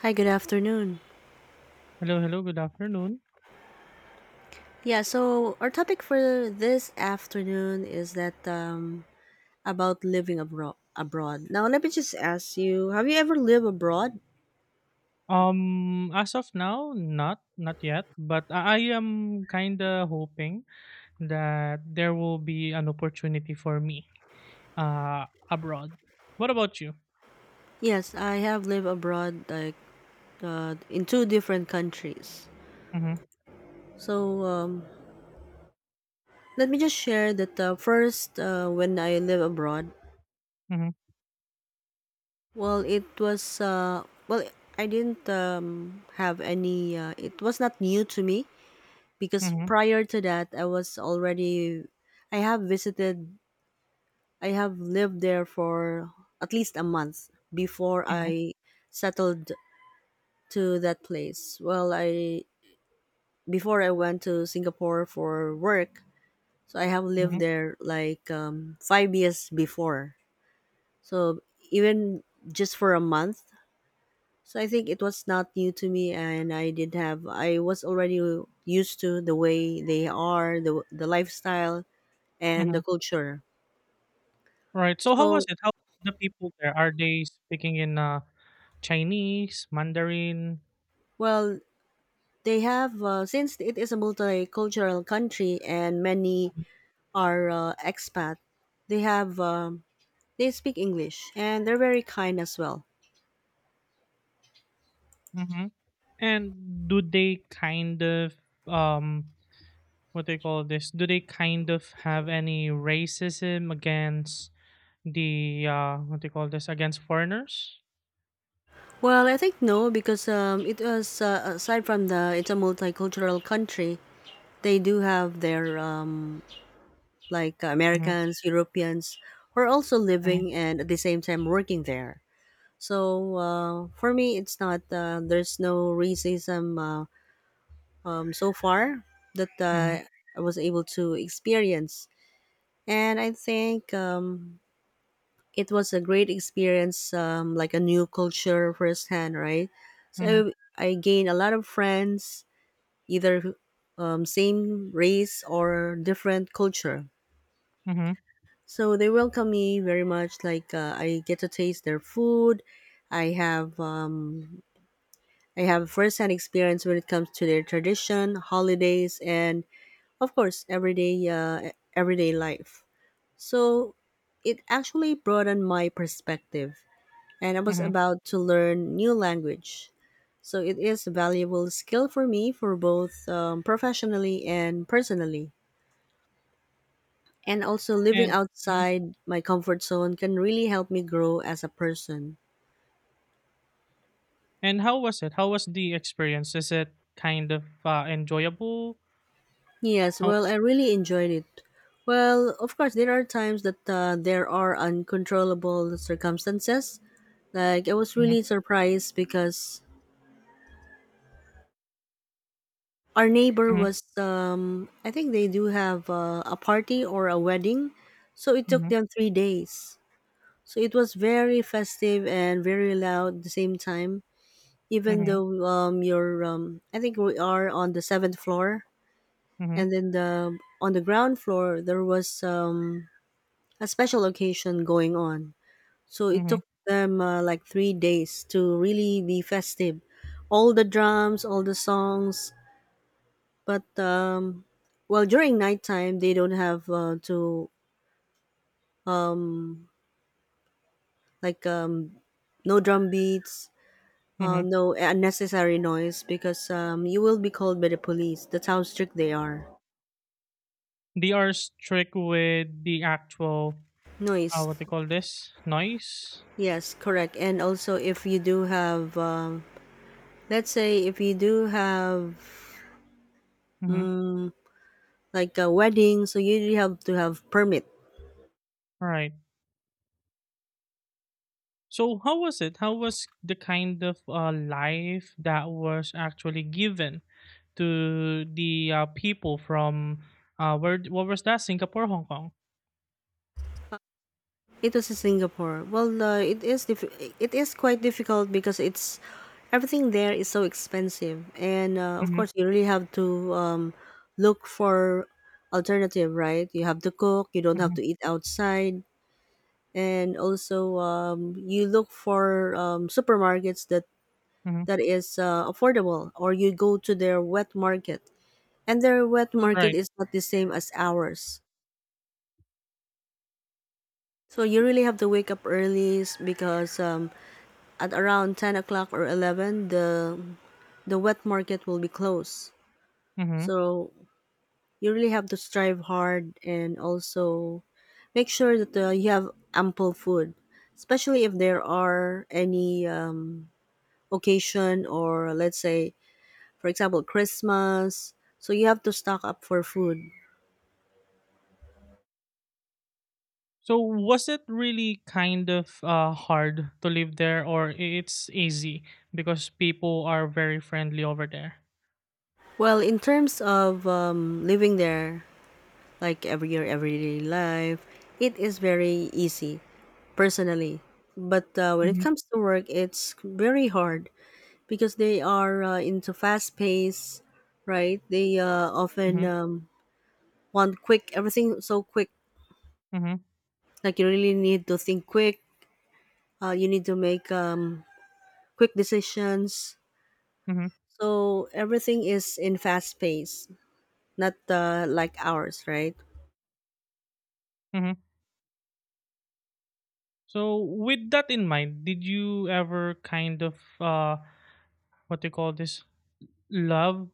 Hi, good afternoon. Hello, hello. Good afternoon. Yeah, so our topic for this afternoon is that about living abroad. Abroad. Now, let me just ask you: Have you ever lived abroad? As of now, not yet, but I am kind of hoping that there will be an opportunity for me abroad. What about you? Yes, I have lived abroad, like in two different countries. Mm-hmm, So um, Let me just share that first, when I lived abroad, mm-hmm, well, it was well, I didn't have any. It was not new to me because mm-hmm, prior to that I was already I have visited I have lived there for at least a month before mm-hmm, I settled to that place. Well, I Before I went to Singapore for work, so I have mm-hmm, lived there like 5 years before. So even just for a month, so I think it was not new to me and I did have I was already used to the way they are, the lifestyle and mm-hmm. the culture. Right. So how was So, it? How the people there? Are they speaking in Chinese, Mandarin? well, they have since it is a multicultural country and many are expat. They have they speak English and they're very kind as well. Mm-hmm. And do they kind of um what they call this, do they kind of have any racism against the what they call this, against foreigners? Well, I think no because it was aside from the it's a multicultural country. They do have their like Mm-hmm, Americans, Europeans who are also mm-hmm, living and at the same time working there. So for me, it's not there's no racism. So far that mm-hmm, I was able to experience. And I think it was a great experience, like a new culture firsthand, right? mm-hmm, So I gained a lot of friends, either same race or different culture. mm-hmm, So they welcome me very much. Like I get to taste their food. I have um, I have firsthand experience when it comes to their tradition, holidays, and of course everyday everyday life, so it actually broadened my perspective and I was mm-hmm. about to learn new language, so it is a valuable skill for me for both professionally and personally, and also living and Mhm. outside my comfort zone can really help me grow as a person. And how was it, how was the experience, is it kind of enjoyable? Yes, How? well, I really enjoyed it. Well, of course, there are times that there are uncontrollable circumstances. Like, I was Mm-hmm, really surprised because our neighbor mm-hmm, was, I think they do have a party or a wedding. So it took mm-hmm, them 3 days. So it was very festive and very loud at the same time. Even mm-hmm, though you're, I think we are on the seventh floor, and then the on the ground floor there was a special occasion going on. So it mm-hmm, took them like 3 days to really be festive. All the drums, all the songs, but well, during nighttime they don't have to like no drum beats, mm-hmm. no unnecessary noise because you will be called by the police. That's how strict they are. They are strict with the actual Noise, what they call this, noise. yes, correct. And also, if you do have, let's say, if you do have Mm-hmm. mm, like a wedding, so you really have to have permit. Right. So how was it? How was the kind of life that was actually given to the people from where? What was that? Singapore, Hong Kong. It was in Singapore. It is quite difficult because it's everything there is so expensive, and of Mm-hmm, course you really have to look for alternative, right? You have to cook, you don't have mm-hmm, to eat outside. And also you look for supermarkets that mm-hmm. Is affordable, or you go to their wet market, and their wet market Right. is not the same as ours. So you really have to wake up early because at around 10 o'clock or 11, the wet market will be closed. Mm-hmm. So you really have to strive hard and also make sure that you have ample food, especially if there are any occasion, or let's say, for example, Christmas. So you have to stock up for food. So was it really kind of hard to live there, or it's easy because people are very friendly over there? Well, in terms of living there, like every your everyday life, it is very easy personally. But when it Mm-hmm, comes to work, it's very hard because they are into fast pace, right? They often mm-hmm, want quick, everything so quick. mm-hmm, Like you really need to think quick. You need to make quick decisions. mm-hmm, So everything is in fast pace, not like ours, right? mm-hmm. So with that in mind, did you ever kind of what do you call this? Love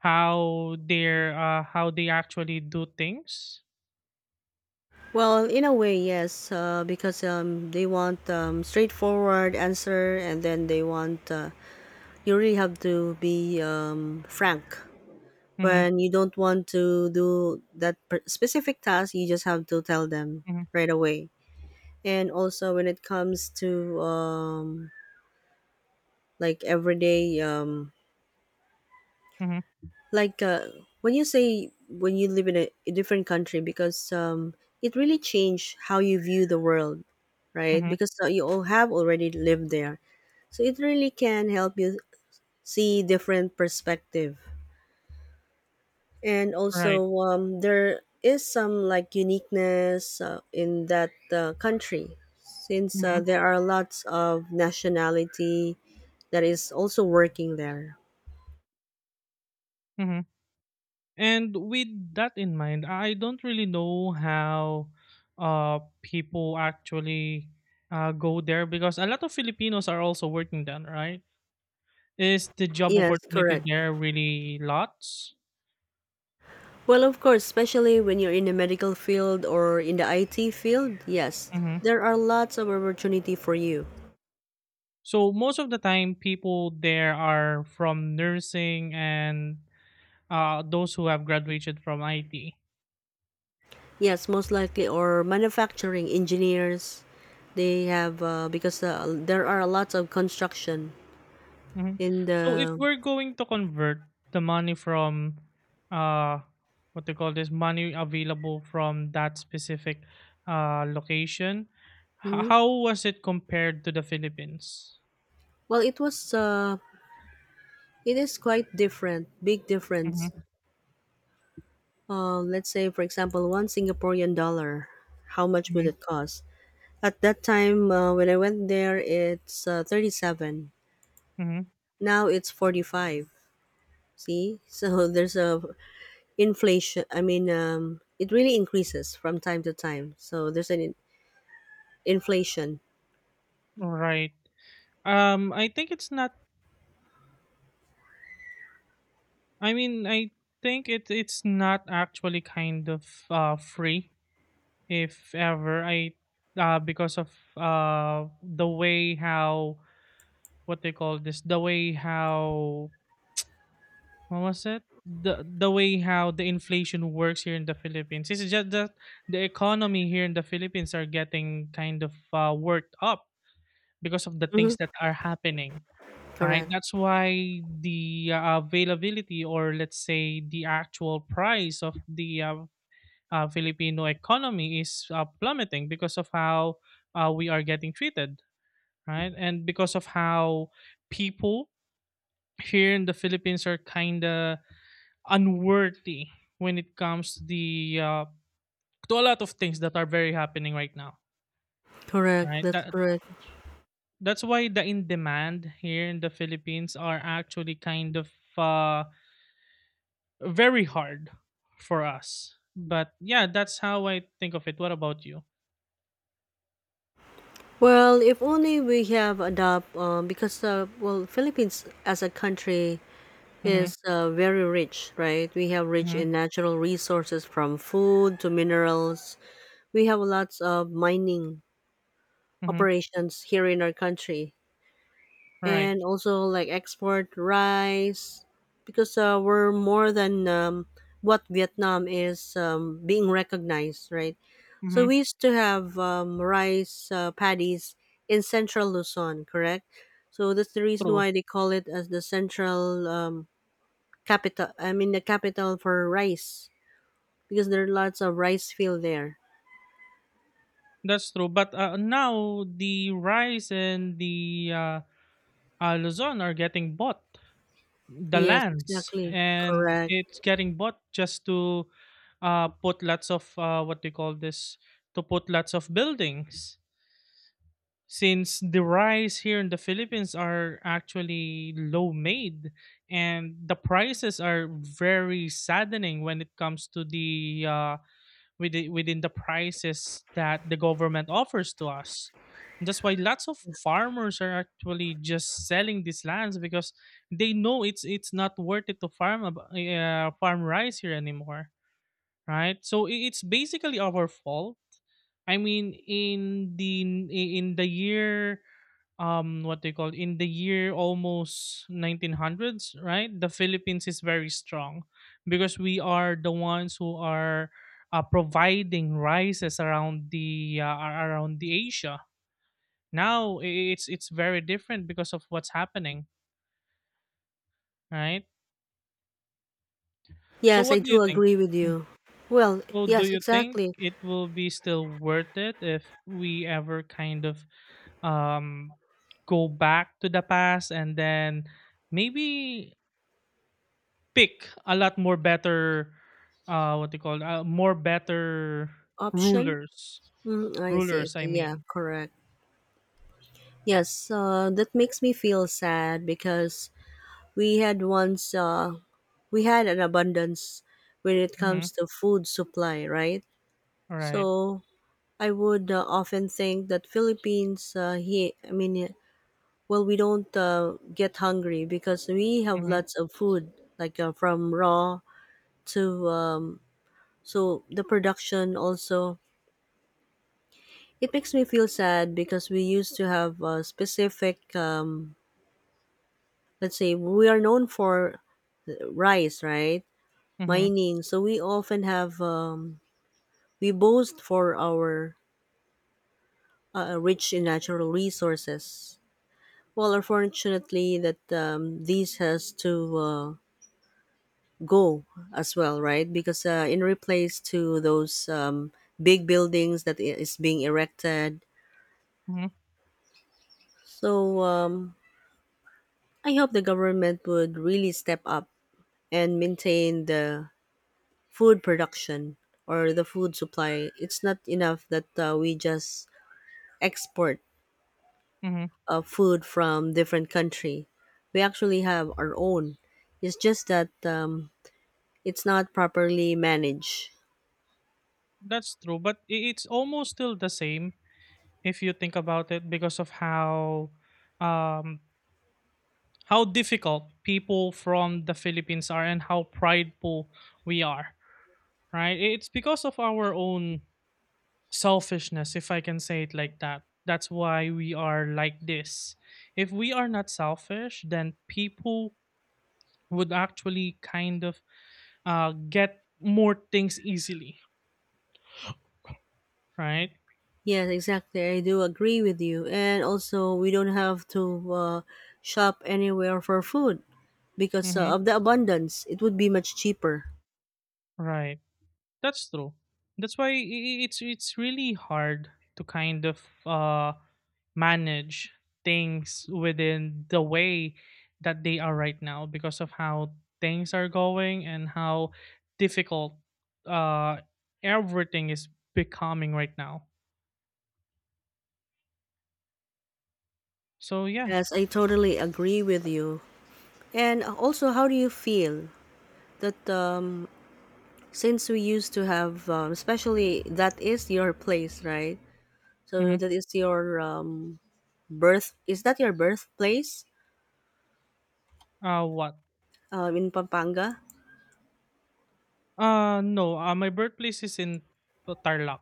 how they're how they actually do things. Well, in a way, yes, because they want straightforward answer, and then they want you really have to be frank Mm-hmm, when you don't want to do that specific task. You just have to tell them mm-hmm, right away. And also, when it comes to like everyday mm-hmm, like when you say when you live in a different country, because it really changed how you view the world, right? mm-hmm, Because you all have already lived there, so it really can help you see different perspective. And right. also there is some like uniqueness in that country, since Mm-hmm, there are lots of nationality that is also working there. mm-hmm. And with that in mind, I don't really know how people actually go there, because a lot of Filipinos are also working there, right? Is the job Yes, opportunity correct. there really lots? Well, of course, especially when you're in the medical field or in the IT field, yes, Mm-hmm. there are lots of opportunity for you. So most of the time, people there are from nursing and those who have graduated from IT. Yes, most likely, or manufacturing engineers, they have because there are lots of construction Mhm. in So if the. we're going to convert the money from uh, what they call this, money available from that specific location, Mhm. how was it compared to the Philippines? Well, it was it is quite different, big difference. Hmm. Let's say, for example, one Singaporean dollar, how much would it Hmm. cost? At that time, when I went there, it's 37. Hmm. Now it's 45. See? So there's a inflation. I mean, it really increases from time to time. So there's an inflation. Right. I think it's not. I mean, I think it's not actually kind of free, if ever. I because of the way how, what they call this, the way how, what was it, the way how the inflation works here in the Philippines. It's just that the economy here in the Philippines are getting kind of worked up because of the Hmm. things that are happening. Right, Correct. that's why the availability, or let's say the actual price of the Filipino economy, is plummeting because of how we are getting treated, right, and because of how people here in the Philippines are kinda unworthy when it comes to the to a lot of things that are very happening right now, Correct. right? That's That correct. that's why the in demand here in the Philippines are actually kind of uh, very hard for us. But yeah, that's how I think of it. What about you? Well, if only we have adopt because well, Philippines as a country Mm-hmm. is very rich, right? We have rich Mm-hmm. in natural resources, from food to minerals. We have lots of mining Mm-hmm. operations here in our country. Right. And also like export rice, because we're more than what Vietnam is being recognized, right? So Mm-hmm. we used to have rice paddies in central Luzon, correct? So that's the reason True. why they call it as the central capital. I mean, the capital for rice, because there are lots of rice field there. That's true. But now the rice and the Luzon are getting bought, the Yes, lands, exactly. and Correct. it's getting bought just to put lots of what do you call this, to put lots of buildings, since the rice here in the Philippines are actually low made and the prices are very saddening when it comes to the within the prices that the government offers to us. And that's why lots of farmers are actually just selling these lands, because they know it's not worth it to farm farm rice here anymore. Right? So it's basically our fault. I mean, in the year, what they call, in the year almost 1900s, right? The Philippines is very strong because we are the ones who are providing rices around the around the Asia. Now it's very different because of what's happening, right? So Yes, I what do do you think? agree with you. Well, So do yes, you think exactly. it will be still worth it if we ever kind of um go back to the past and then maybe pick a lot more better what they call it, more better Option. rulers Mm, I see, I rulers I see. Yeah, mean. correct. Yes, that makes me feel sad because we had once, uh, we had an abundance when it Mm-hmm. comes to food supply, right? Right. So I would often think that Philippines, I mean, eh, well, we don't get hungry because we have Mm-hmm. lots of food, like from raw to, so the production also. It makes me feel sad because we used to have a specific let's say we are known for rice, right? Mm-hmm. Mining. So we often have we boast for our rich in natural resources. Well, unfortunately, that this has to go as well, right? Because in replace to those big buildings that is being erected, Mm-hmm. so I hope the government would really step up and maintain the food production or the food supply. It's not enough that we just export Mm-hmm. Food from different country. We actually have our own. It's just that it's not properly managed. That's true, but it's almost still the same if you think about it, because of um how difficult people from the Philippines are and how prideful we are, right? It's because of our own selfishness, if I can say it like that. That's why we are like this. If we are not selfish, then people would actually kind of get more things easily, right? Yes, exactly. I do agree with you. And also, we don't have to shop anywhere for food because Mm-hmm. of the abundance. It would be much cheaper. Right. That's true. That's why it's really hard to kind of manage things within the way that they are right now, because of how things are going and how difficult uh, everything is becoming right now. So yeah. Yes, I totally agree with you. And also, how do you feel that since we used to have especially that is your place, right? Hmm. So that is your birth, is that your birthplace What? In Pampanga? No. My birthplace is in Tarlac,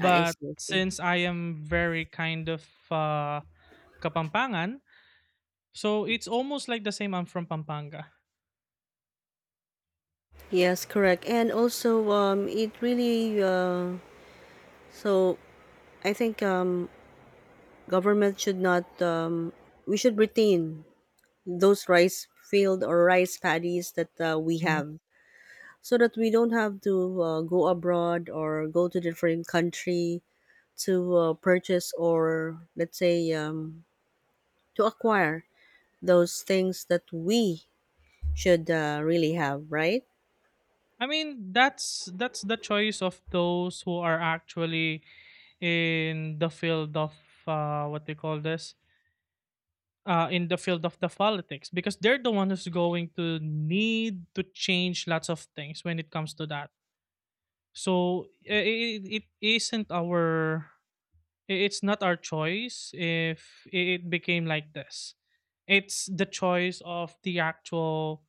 I see, I see. since I am very kind of Kapampangan, so it's almost like the same. I'm from Pampanga. Yes, correct. And also it really so I think government should not we should retain those rice field or rice paddies that we Mm-hmm. have, so that we don't have to go abroad or go to different country to purchase, or let's say to acquire those things that we should really have, right? I mean, that's the choice of those who are actually in the field of what they call this, in the field of the politics, because they're the one who's going to need to change lots of things when it comes to that. So it isn't our it's not our choice if it became like this. It's the choice of the actual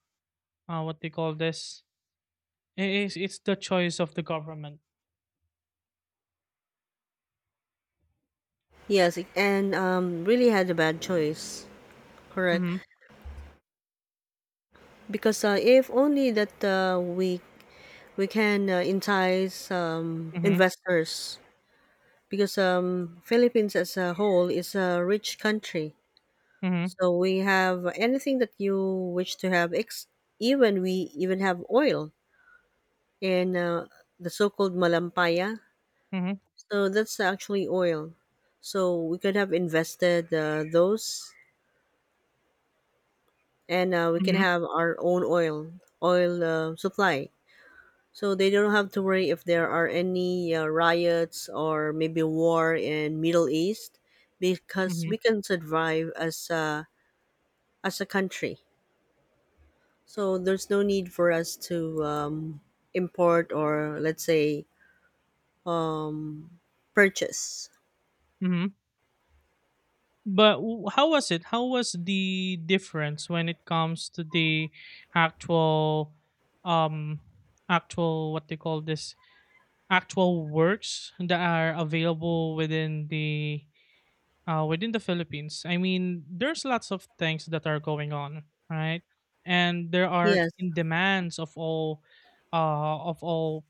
what they call this. It's the choice of the government. Yes, and really had a bad choice, correct? Mm-hmm. Because if only that we can entice investors, because Philippines as a whole is a rich country, Mhm, so we have anything that you wish to have. Even we even have oil, and the so-called Malampaya. mhm, So that's actually oil. So we could have invested those, and we can mhm, have our own oil supply. So they don't have to worry if there are any riots or maybe war in Middle East, because mhm, we can survive as as a country. So there's no need for us to import, or let's say um, purchase. mhm. But how was it? How was the difference when it comes to the actual, um, actual what they call this, actual works that are available within the Philippines? I mean, there's lots of things that are going on, right? And there are Yes, in demands of all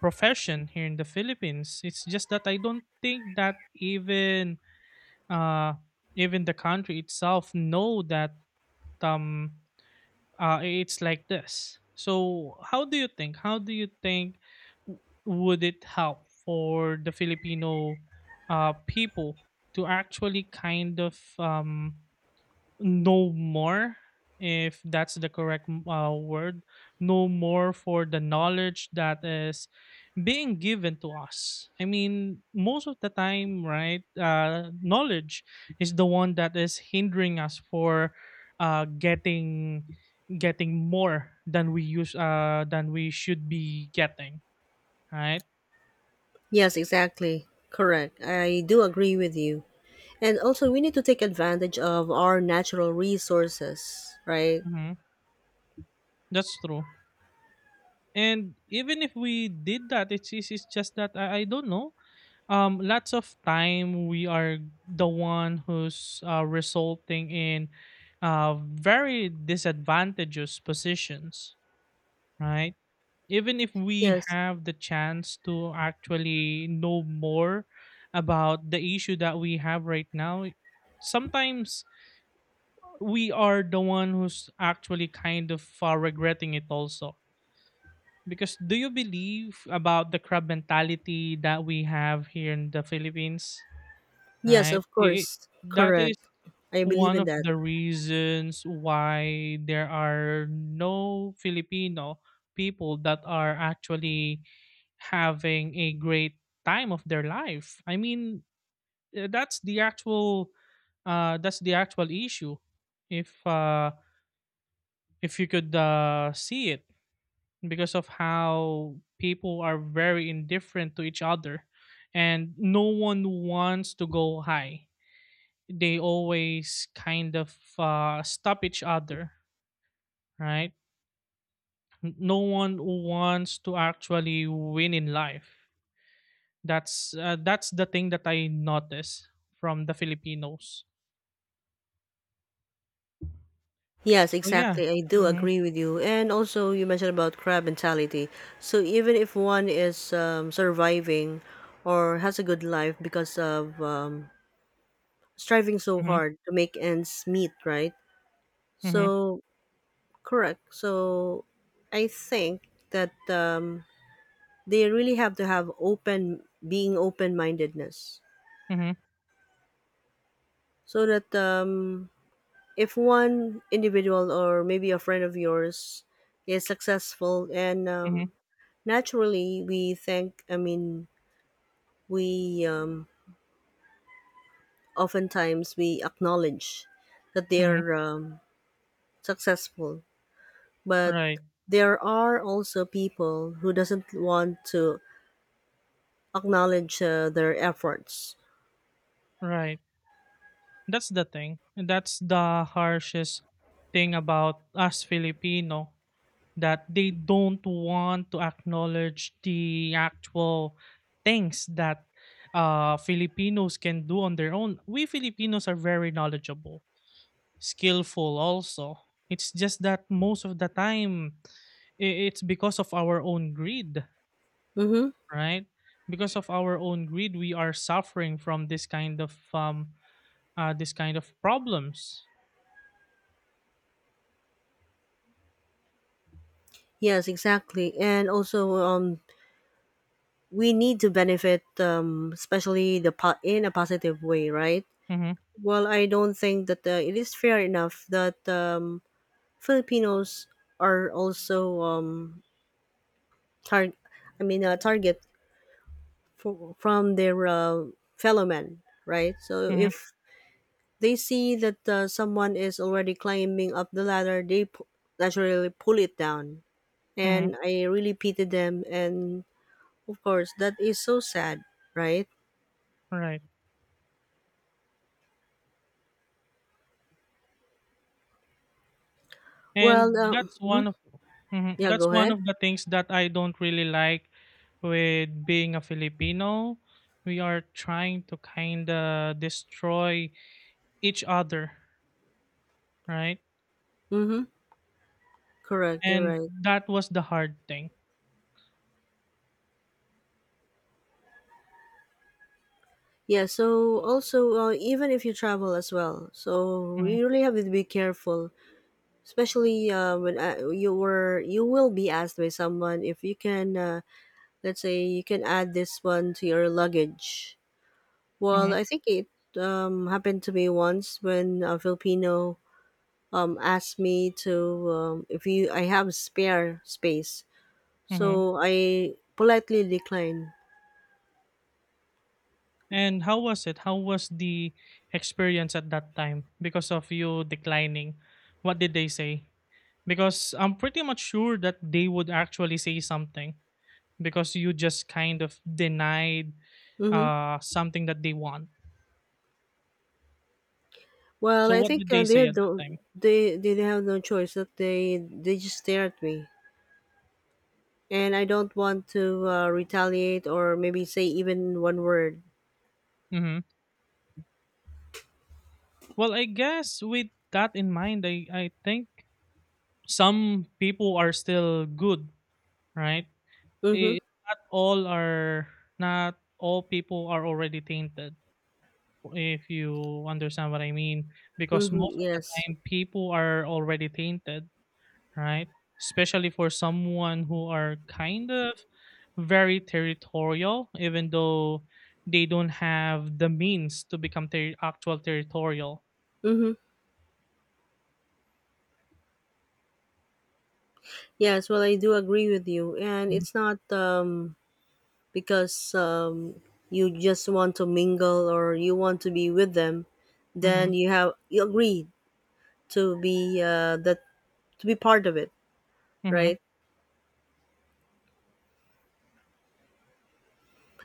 profession here in the Philippines. It's just that I don't think that even, uh, even the country itself know that um it's like this. So, how do you think? How do you think would it help for the Filipino people to actually kind of know more, if that's the correct word, know more for the knowledge that is being given to us. I mean, most of the time, right? Knowledge is the one that is hindering us for uh, getting getting more than we should be getting, right? Yes, exactly. Correct. I do agree with you. And also, we need to take advantage of our natural resources, right? Hmm. That's true. And even if we did that, it's it's just that I don't know. Lots of time we are the one who's resulting in very disadvantageous positions, right? Even if we Yes. have the chance to actually know more about the issue that we have right now, sometimes we are the one who's actually kind of regretting it also. Because, do you believe about the crab mentality that we have here in the Philippines? Yes, Right? of It, it, course. that is Correct. I believe one in of that. the reasons why there are no Filipino people that are actually having a great time of their life. I mean, uh, that's the actual that's the actual issue. If uh, if you could see it, because of how people are very indifferent to each other, and no one wants to go high, they always kind of stop each other, right? No one wants to actually win in life. That's the thing that I notice from the Filipinos. Yes, So yeah. exactly. I do Mhm. agree with you. And also, you mentioned about crab mentality. So even if one is surviving or has a good life because of striving so Mhm. hard to make ends meet, right? Mhm. So Correct. So I think that they really have to have being open mindedness. Mhm. So that if one individual or maybe a friend of yours is successful, and Mhm. Naturally we think, I mean, we oftentimes we acknowledge that Mhm. they're successful, but Right. there are also people who doesn't want to acknowledge their efforts. Right. That's the thing. That's the harshest thing about us Filipino, that they don't want to acknowledge the actual things that Filipinos can do on their own. We Filipinos are very knowledgeable, skillful also. It's just that most of the time, it's because of our own greed, Mm-hmm. right? Because of our own greed, we are suffering from this kind of problems. Yes, exactly. And also, we need to benefit, especially in a positive way, right? Mm-hmm, Well, I don't think that it is fair enough that Filipinos are also tar- target from their fellow men, right? So mm-hmm, if they see that someone is already climbing up the ladder, naturally pull it down, mm-hmm, and I really pitied them. And of course, that is so sad, right? right. And Well, um, that's one mm, of mhm, yeah, that's go one ahead. of the things that I don't really like with being a Filipino. We are trying to kind of destroy each other, right? Mm-hmm. Correct, you're And right. that was the hard thing. Yeah, so also, even if you travel as well, so Hmm. you really have to be careful, especially when you will be asked by someone if you can, let's say, you can add this one to your luggage. Well, Hmm. I think it happened to me once when a Filipino asked me to if you I have spare space. Hmm. So I politely declined. And how was it? How was the experience at that time, because of you declining? What did they say? Because I'm pretty much sure that they would actually say something, because you just kind of denied Hmm. Something that they want. Well, So I what did think they say at that time? they have no choice that they just stare at me, and I don't want to retaliate or maybe say even one word. Hmm. Well, I guess with that in mind, I think some people are still good, right? Mm-hmm. I not all are not all people are already tainted. If you understand what I mean, because Mm-hmm. most of the Yes. time people are already tainted, right? Especially for someone who are kind of very territorial, even though they don't have the means to become actual territorial. Mm-hmm. Yes. Well, I do agree with you, and it's not because you just want to mingle or you want to be with them, Mm-hmm. then you have you agree to be that to be part of it, Mm-hmm. right?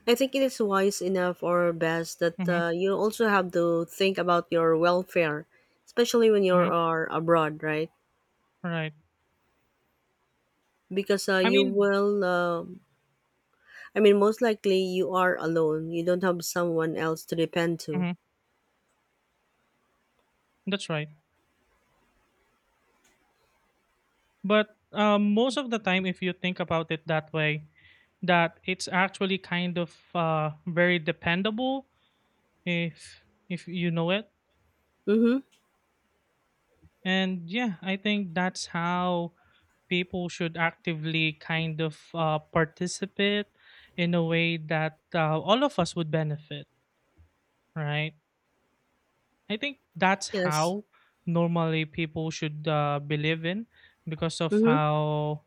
I think it is wise enough or best that Mm-hmm. You also have to think about your welfare, especially when you Hmm. are abroad, right? Right. Because I you mean, will, I mean, most likely you are alone. You don't have someone else to depend to. mhm, that's right. But most of the time, if you think about it that way, that it's actually kind of very dependable, if if you know it. Mm-hmm. And yeah, I think that's how people should actively kind of participate in a way that all of us would benefit, right? I think that's Yes. how normally people should believe in, because of Mm-hmm. how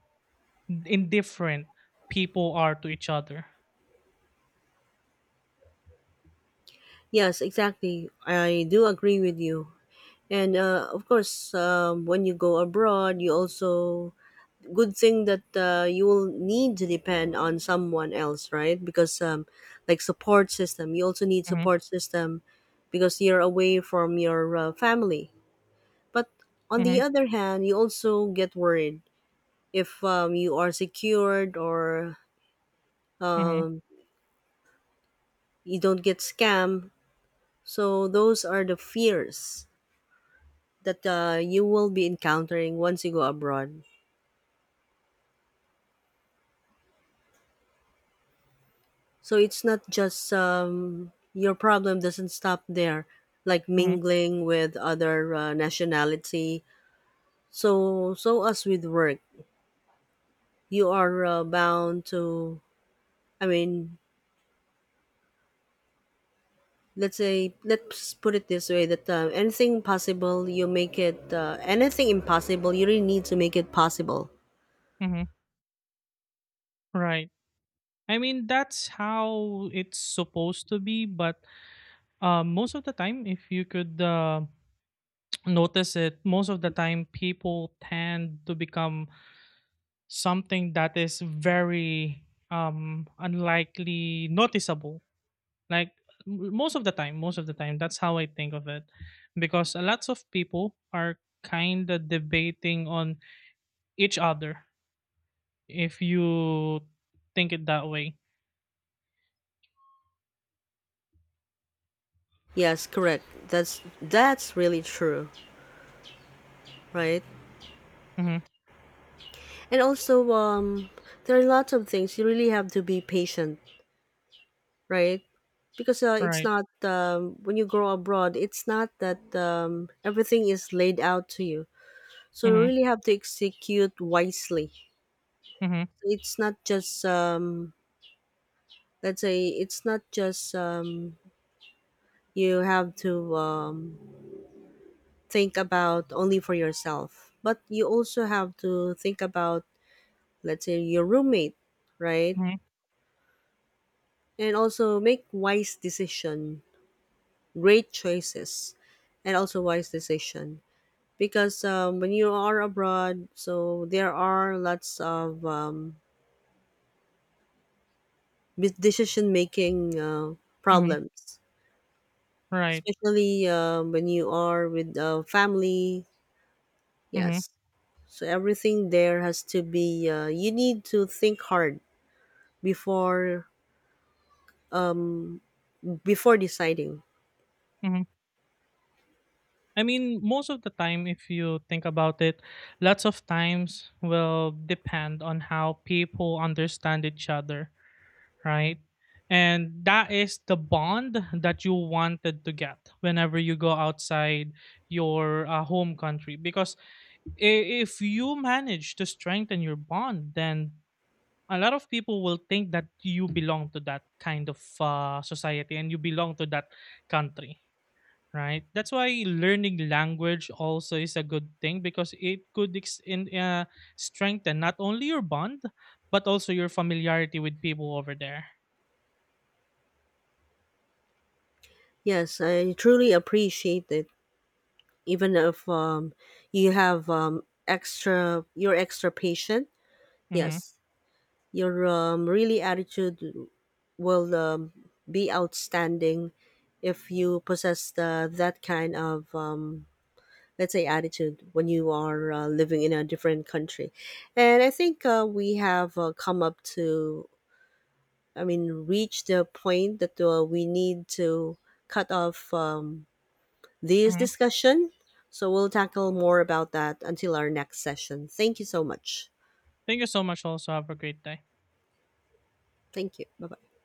indifferent people are to each other. Yes, exactly. I do agree with you. And of course, when you go abroad, you also good thing that you will need to depend on someone else, right? Because like support system, you also need Hmm. support system because you're away from your family. But on Hmm. the other hand, you also get worried if you are secured or Hmm. um, you don't get scammed. So those are the fears that you will be encountering once you go abroad. So it's not just your problem doesn't stop there, like Hmm. mingling with other nationality. So as with work, you are bound to. I mean, let's put it this way: that anything possible, you make it. Anything impossible, you really need to make it possible. Hmm. Right. I mean, that's how it's supposed to be, but most of the time, if you could notice it, most of the time, people tend to become something that is very unlikely noticeable. Like, most of the time, that's how I think of it. Because lots of people are kind of debating on each other, if you think it that way. Yes, correct. That's really true, right? Hmm. And also, there are lots of things you really have to be patient, right? Because it's Right. not when you grow abroad, it's not that everything is laid out to you. So you Hmm. really have to execute wisely. Hmm. It's not just let's say it's not just you have to think about only for yourself, but you also have to think about, let's say, your roommate, right? Mhm, And also make wise decision, great choices, and also wise decision because when you are abroad, so there are lots of decision making mhm, problems, right, especially when you are with family. mhm, Yes, so everything there has to be. You need to think hard before deciding. mhm. I mean, most of the time, if you think about it, lots of times will depend on how people understand each other, right? And that is the bond that you wanted to get whenever you go outside your home country. Because i- if you manage to strengthen your bond, then a lot of people will think that you belong to that kind of society, and you belong to that country, right? That's why learning language also is a good thing, because it could strengthen not only your bond but also your familiarity with people over there. Yes, I truly appreciate it. Even if you have you're extra patient. Hmm. Yes, your really attitude will be outstanding if you possess that kind of let's say attitude when you are living in a different country. And I think we have come up to I mean reach the point that we need to cut off this Hmm. discussion. So we'll tackle more about that until our next session. Thank you so much. Thank you so much. Also, have a great day. Thank you. Bye bye.